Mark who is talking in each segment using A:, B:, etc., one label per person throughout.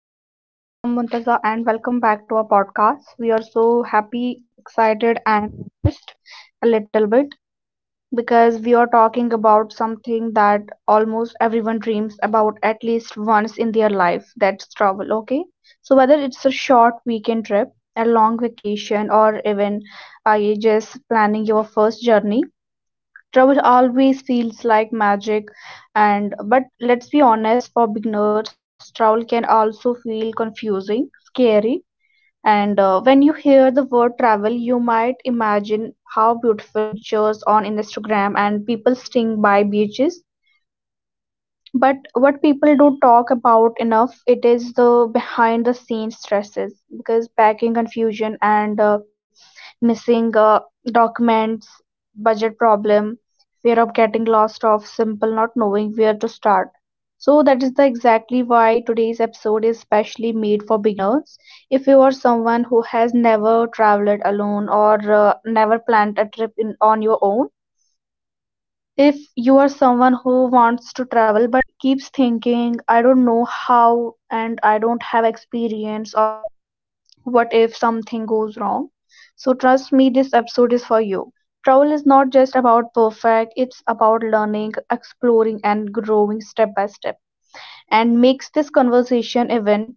A: So, hi everyone, I'm Muntaza and welcome back to our podcast. We are so happy, excited, and just a little bit because we are talking about something that almost everyone dreams about at least once in their life. That's travel, okay? So, whether it's a short weekend trip, a long vacation, or even you just planning your first journey, travel always feels like magic. And but let's be honest, for beginners travel can also feel confusing, scary, and when you hear the word travel you might imagine how beautiful pictures on Instagram and people staying by beaches. But what people don't talk about enough it is the behind the scenes stresses, because packing confusion and missing documents, budget problem, fear of getting lost, of simple not knowing where to start. So that is the exactly why today's episode is specially made for beginners. If you are someone who has never traveled alone, or never planned a trip in, on your own, if you are someone who wants to travel but keeps thinking I don't know how and I don't have experience, or what if something goes wrong, so trust me, this episode is for you. Travel is not just about perfect, it's about learning, exploring, and growing step by step. And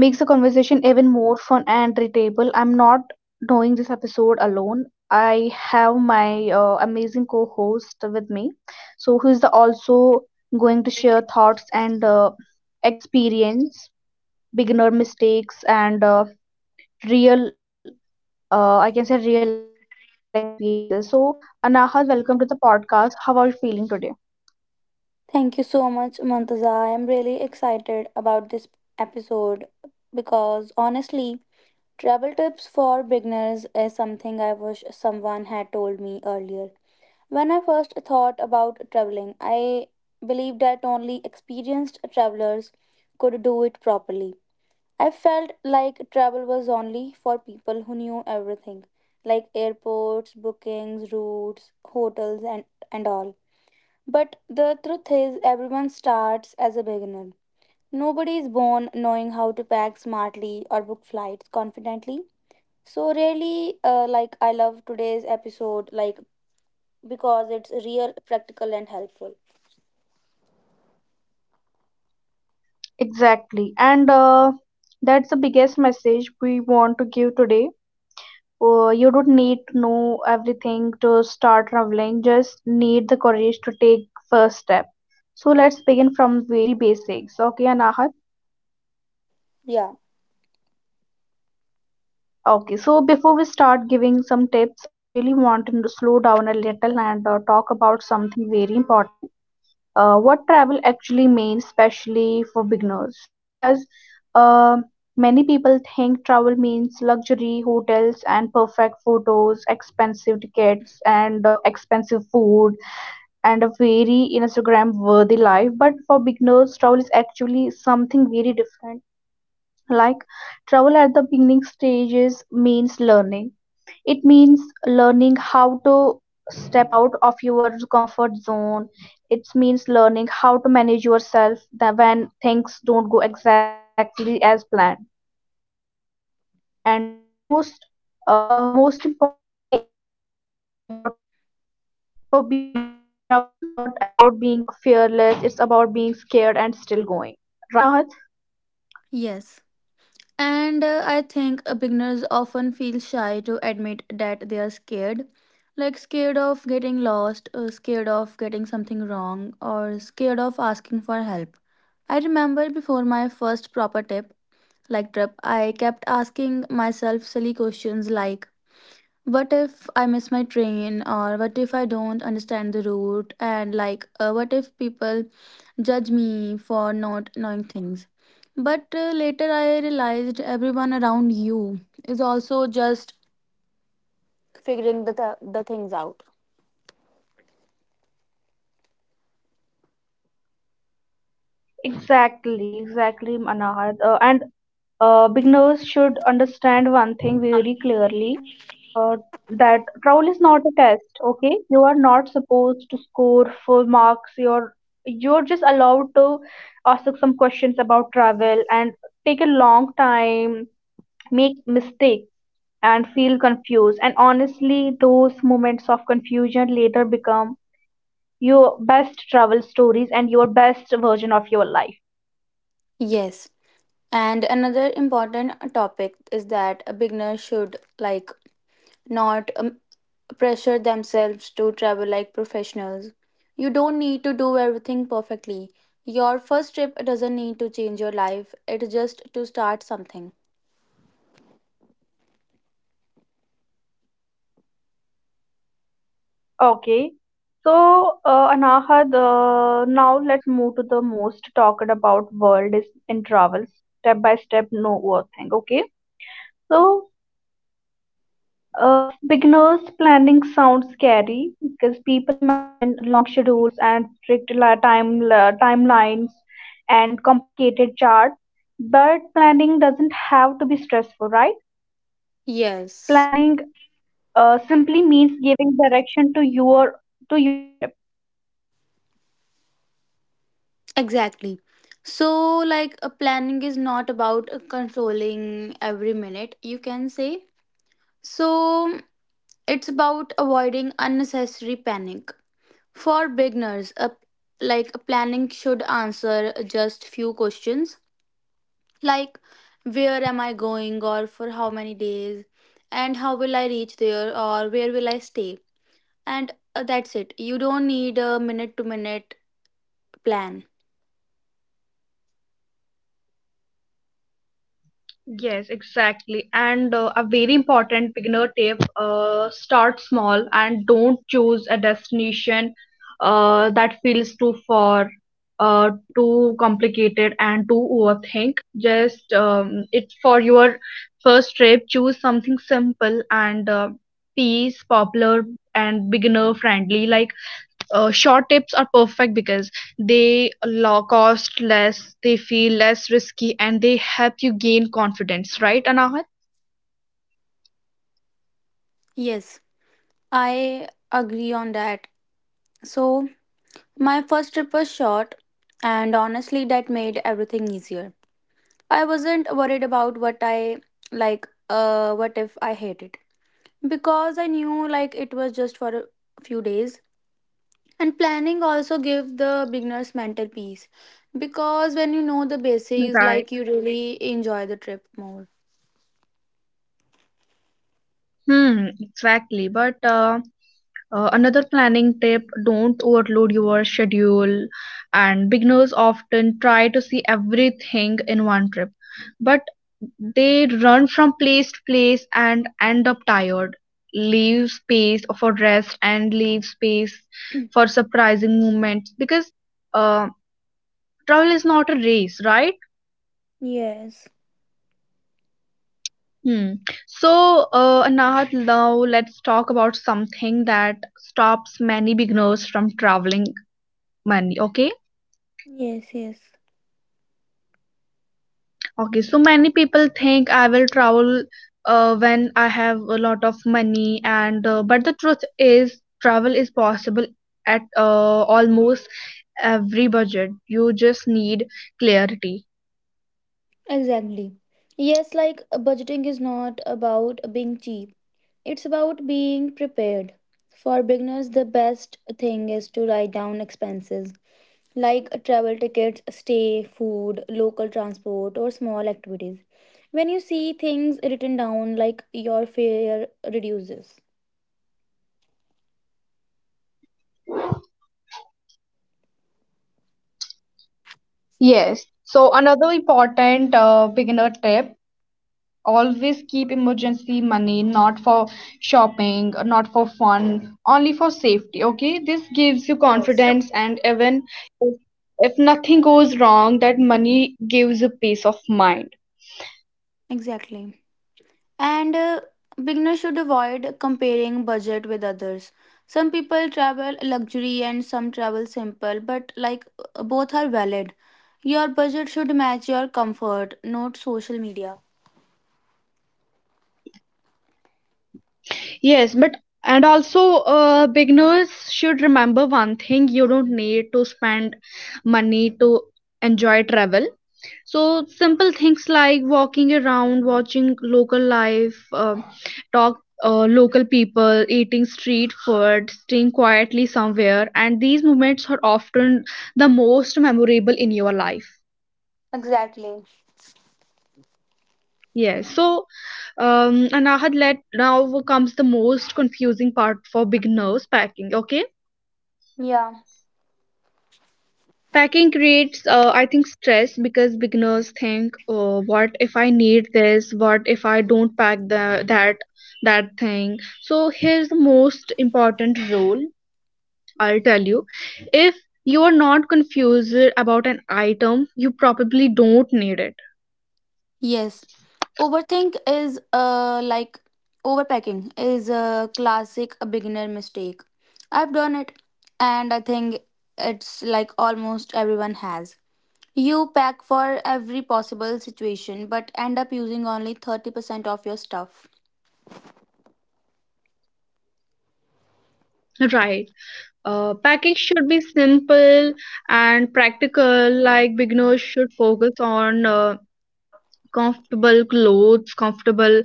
A: makes the conversation even more fun and relatable. I'm not doing this episode alone. I have my amazing co-host with me, so who is the also going to share thoughts and experience, beginner mistakes, and real, I can say real experiences. So, Anaha, welcome to the podcast. How are you feeling today?
B: Thank you so much, Mantaza. I am really excited about this episode because honestly, travel tips for beginners is something I wish someone had told me earlier. When I first thought about traveling, I believed that only experienced travelers could do it properly. I felt like travel was only for people who knew everything, like airports, bookings, routes, hotels, and all. But the truth is, everyone starts as a beginner. Nobody is born knowing how to pack smartly or book flights confidently. So really, like, I love today's episode, like because it's real, practical, and helpful.
A: Exactly, and that's the biggest message we want to give today. You don't need to know everything to start traveling, just need the courage to take first step. So let's begin from very basics, okay, Anahat?
B: Yeah.
A: Okay, so before we start giving some tips I really want to slow down a little and talk about something very important. What travel actually means, especially for beginners. So because um many people think travel means luxury hotels and perfect photos, expensive tickets, and expensive food and a very Instagram worthy life. But for beginners, travel is actually something very different. Like travel at the beginning stages means learning. It means learning how to step out of your comfort zone. It means learning how to manage yourself that when things don't go exactly as planned. And almost most importantly it means learning about yourself. For beginners, travel is not about being fearless, it's about being scared and still going, right, Anahat?
B: Yes. And I think beginners often feel shy to admit that they are scared. Like scared of getting lost, scared of getting something wrong, or scared of asking for help. I remember before my first proper tip, like trip, I kept asking myself silly questions like, what if I miss my train, or what if I don't understand the route, and like, what if people judge me for not knowing things? But later I realized everyone around you is also just figuring the things out.
A: Exactly, exactly, Anahat. And beginners should understand one thing very clearly. uh, that travel is not a test, okay? You are not supposed to score full marks. You're just allowed to ask some questions about travel and take a long time, make mistake, and feel confused. And honestly, those moments of confusion later become your best travel stories and your best version of your life.
B: Yes. And another important topic is that a beginner should, like, not pressure themselves to travel like professionals. You don't need to do everything perfectly. Your first trip doesn't need to change your life, it's just to start something.
A: Okay. So, Anaha, now let's move to the most talked about world is in travel, step by step, no worth thing. Okay. So, beginners, planning sounds scary because people imagine long schedules and strict timelines and complicated charts. But planning doesn't have to be stressful, right?
B: Yes,
A: Planning simply means giving direction to your trip.
B: exactly. So, like, a planning is not about controlling every minute, you can say. So, it's about avoiding unnecessary panic. For beginners, a, like, a planning should answer just few questions, like where am I going, or for how many days, and how will I reach there, or where will I stay. And that's it. You don't need a minute to minute plan.
A: Yes, exactly. And a very important beginner tip, start small and don't choose a destination that feels too far, too complicated, and too overthink. Just it's for your first trip, choose something simple and peace, popular, and beginner friendly, like short tips are perfect because cost less, they feel less risky, and they help you gain confidence, right, Anahat?
B: Yes, I agree on that. So my first trip was short, and honestly that made everything easier. I wasn't worried about what I, like, what if I hate it, because I knew, like, it was just for a few days. And planning also give the beginners mental peace, because when you know the basics,
A: Right.
B: like, you really enjoy the trip more.
A: Hmm, exactly. But another planning tip, don't overload your schedule, and beginners often try to see everything in one trip, but they run from place to place and end up tired. Leave space for rest and leave space for surprising moments, because uh, travel is not a race, right?
B: Yes,
A: Hmm. So, Anahat, now let's talk about something that stops many beginners from traveling. Many, okay?
B: yes, yes.
A: Okay, so many people think I will travel when I have a lot of money, and but the truth is travel is possible at almost every budget. You just need clarity.
B: Exactly. Yes, like, budgeting is not about being cheap, it's about being prepared. For beginners, the best thing is to write down expenses, like, travel tickets, stay, food, local transport, or small activities. When you see things written down, like, your fear reduces.
A: Yes. So another important beginner tip, always keep emergency money, not for shopping, not for fun, only for safety, okay? This gives you
B: Yes,
A: confidence, and even if if nothing goes wrong, that money gives you peace of mind.
B: exactly. And beginners should avoid comparing budget with others. Some people travel luxury and some travel simple, but like, both are valid. Your budget should match your comfort, not social media.
A: Yes, but and also beginners should remember one thing, you don't need to spend money to enjoy travel. So simple things like walking around, watching local life, talk local people, eating street food, staying quietly somewhere, and these moments are often the most memorable in your life.
B: Exactly.
A: Yes. So, and I let now comes the most confusing part for beginners, packing. Okay.
B: Yeah.
A: Packing creates, I think, stress, because beginners think, oh, what if I need this? What if I don't pack the, that that thing? So here's the most important rule I'll tell you. If you are not confused about an item, you probably don't need it.
B: Yes. Overthink is, like, overpacking is a classic beginner mistake. I've done it, and I think it's, like, almost everyone has. You pack for every possible situation but end up using only 30% of your stuff.
A: Right. Packing should be simple and practical. Like beginners should focus on comfortable clothes, comfortable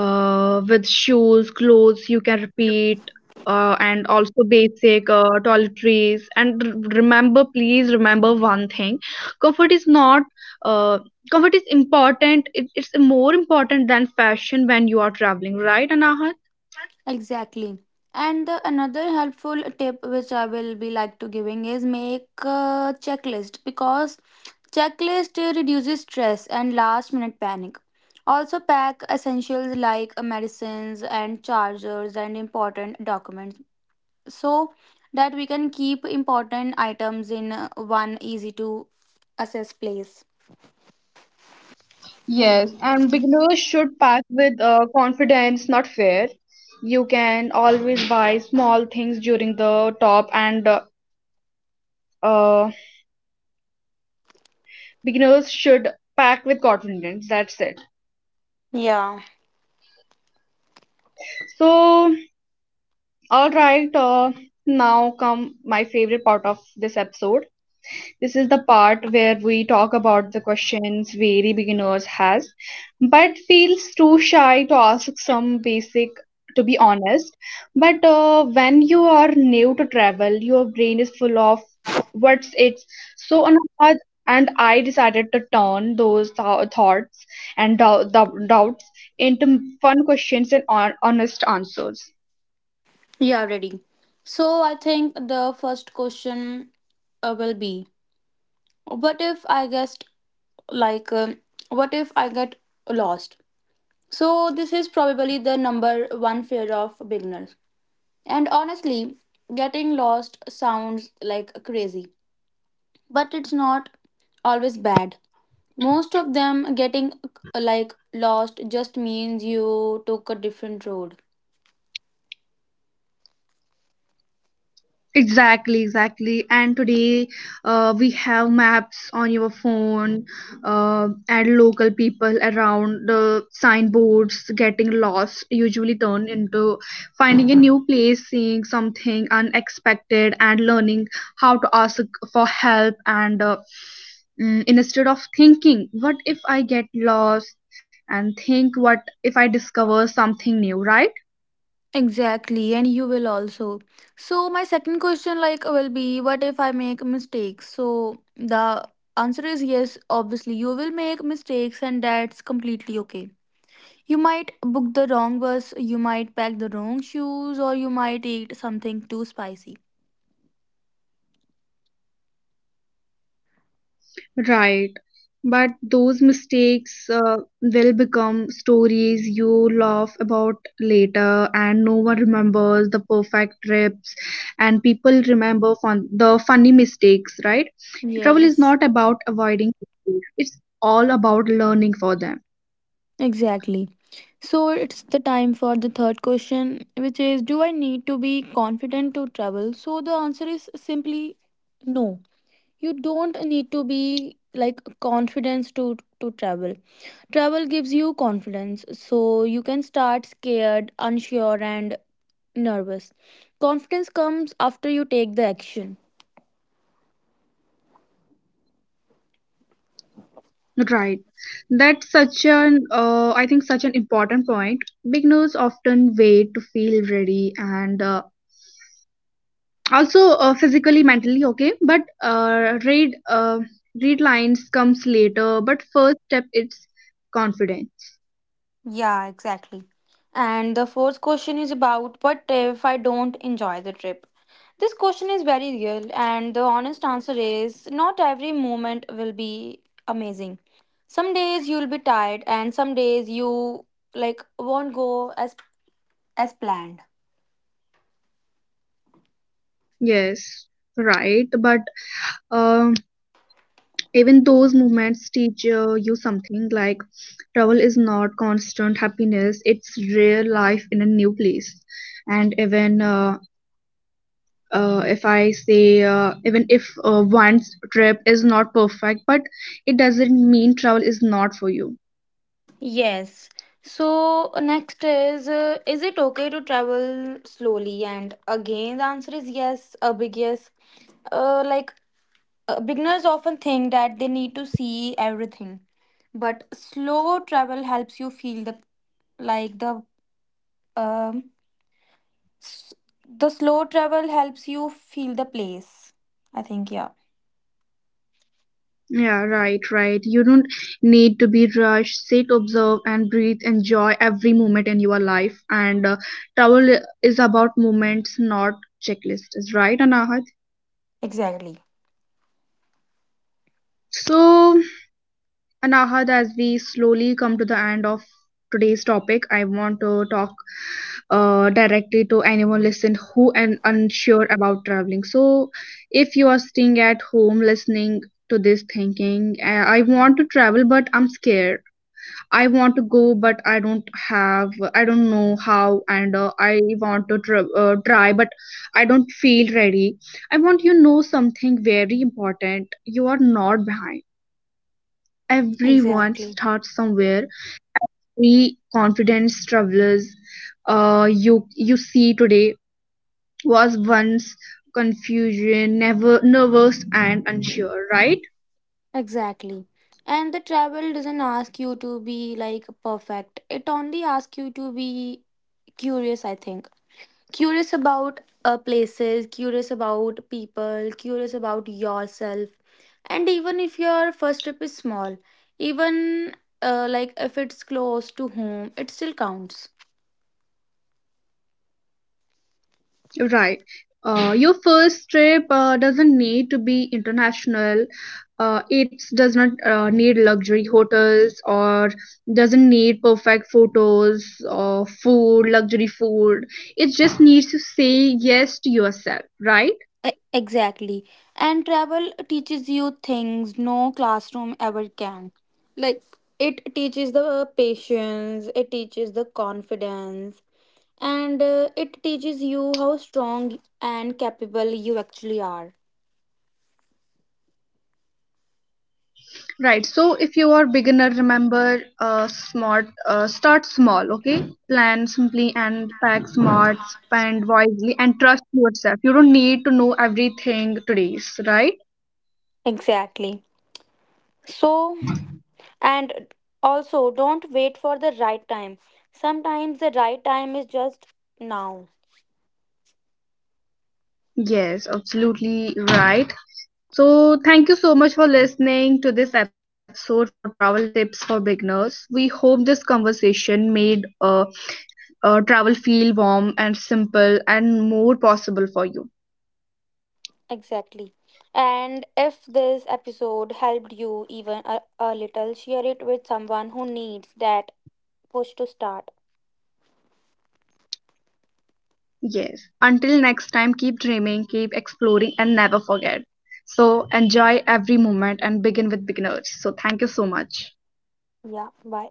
A: with shoes, clothes you can repeat, and also basic toiletries, and remember, please remember one thing, comfort is not uh, comfort is important. It's more important than fashion when you are traveling, right, Anahat?
B: Exactly. And the another helpful tip which I will be like to giving is make a checklist, because checklist reduces stress and last minute panic. Also pack essentials like medicines and chargers and important documents, so that we can keep important items in one easy to access place.
A: Yes, and beginners should pack with confidence, not fear. You can always buy small things during the top, and uh, beginners should pack with confidence. That's it.
B: Yeah.
A: So, all right, now come my favorite part of this episode. This is the part where we talk about the questions very beginners has, but feels too shy to ask, some basic to be honest. But when you are new to travel, your brain is full of what's it's. So Anuradha and I decided to turn those thoughts and doubts into fun questions and honest answers.
B: Yeah, ready. So I think the first question will be, what if I guessed, like, what if I get lost? So this is probably the number one fear of beginners, and honestly getting lost sounds like crazy, but it's not always bad. Most of them getting, like, lost just means you took a different road.
A: Exactly, exactly. And today, we have maps on your phone, uh, and local people around, the signboards, getting lost usually turn into finding a new place, seeing something unexpected, and learning how to ask for help. And instead of thinking, what if I get lost, and think, what if I discover something new, right?
B: Exactly, and you will also. So my second question, like, will be, what if I make mistakes? So the answer is yes, obviously you will make mistakes, and that's completely okay. You might book the wrong bus, you might pack the wrong shoes, or you might eat something too spicy.
A: Right. But those mistakes will become stories you laugh about later, and no one remembers the perfect trips, and people remember the funny mistakes, right? Trouble is
B: Yes.
A: not about avoiding mistakes, it's all about learning for them.
B: Exactly. So it's the time for the third question, which is, do I need to be confident to travel? So the answer is simply no. You don't need to be, like, confidence to travel. Travel gives you confidence. So you can start scared, unsure, and nervous. Confidence comes after you take the action.
A: Right. That's such an, I think, such an important point. Beginners often wait to feel ready, and also physically mentally okay, but read lines comes later, but first step it's confidence.
B: Yeah, exactly. And the fourth question is about, what if I don't enjoy the trip? This question is very real, and the honest answer is not every moment will be amazing. Some days you'll be tired, and some days you, like, won't go as as planned.
A: Yes, right, but um even those movements teach you something. Like travel is not constant happiness, it's real life in a new place. And even if one's trip is not perfect, but it doesn't mean travel is not for you.
B: Yes. So next is, is it okay to travel slowly? And again, the answer is yes, a big yes. Like, beginners often think that they need to see everything, but slow travel helps you feel the, like, the, um s- the slow travel helps you feel the place. I think, yeah.
A: Yeah, right, right. You don't need to be rushed. Sit, observe, and breathe. Enjoy every moment in your life. And travel is about moments, not checklists. Right, Anahat?
B: Exactly.
A: So, Anahat, as we slowly come to the end of today's topic, I want to talk directly to anyone listening who and unsure about traveling. So, if you are staying at home listening to this thinking, I want to travel, but I'm scared, I want to go, but I don't have, I don't know how, and I want to tr- try, but I don't feel ready. I want you know something very important. You are not behind. Everyone
B: Exactly.
A: starts somewhere. We confidence travelers, you see today was once confusion, never nervous and unsure, right?
B: Exactly. And the travel doesn't ask you to be, like, perfect. It only asks you to be curious, I think. Curious about places, curious about people, curious about yourself. And even if your first trip is small, even, like, if it's close to home, it still counts.
A: Right. Your first trip doesn't need to be international. It does not need luxury hotels, or doesn't need perfect photos or food, luxury food. It just needs to say yes to yourself, right?
B: E- Exactly. And travel teaches you things no classroom ever can. Like, it teaches the patience, it teaches the confidence, and it teaches you how strong and capable you actually are.
A: Right. So if you are beginner, remember, smart, start small. Okay. Plan simply and pack smart. Spend wisely and trust yourself. You don't need to know everything today, right?
B: Exactly. So, and also don't wait for the right time. Sometimes the right time is just now.
A: Yes, absolutely right. So, thank you so much for listening to this episode of Travel Tips for Beginners. We hope this conversation made travel feel warm and simple and more possible for you.
B: Exactly. And if this episode helped you even a little, share it with someone who needs that push to start.
A: Yes. Until next time, keep dreaming, keep exploring, and never forget. So, enjoy every moment and begin with beginners. So, thank you so much.
B: Yeah, bye.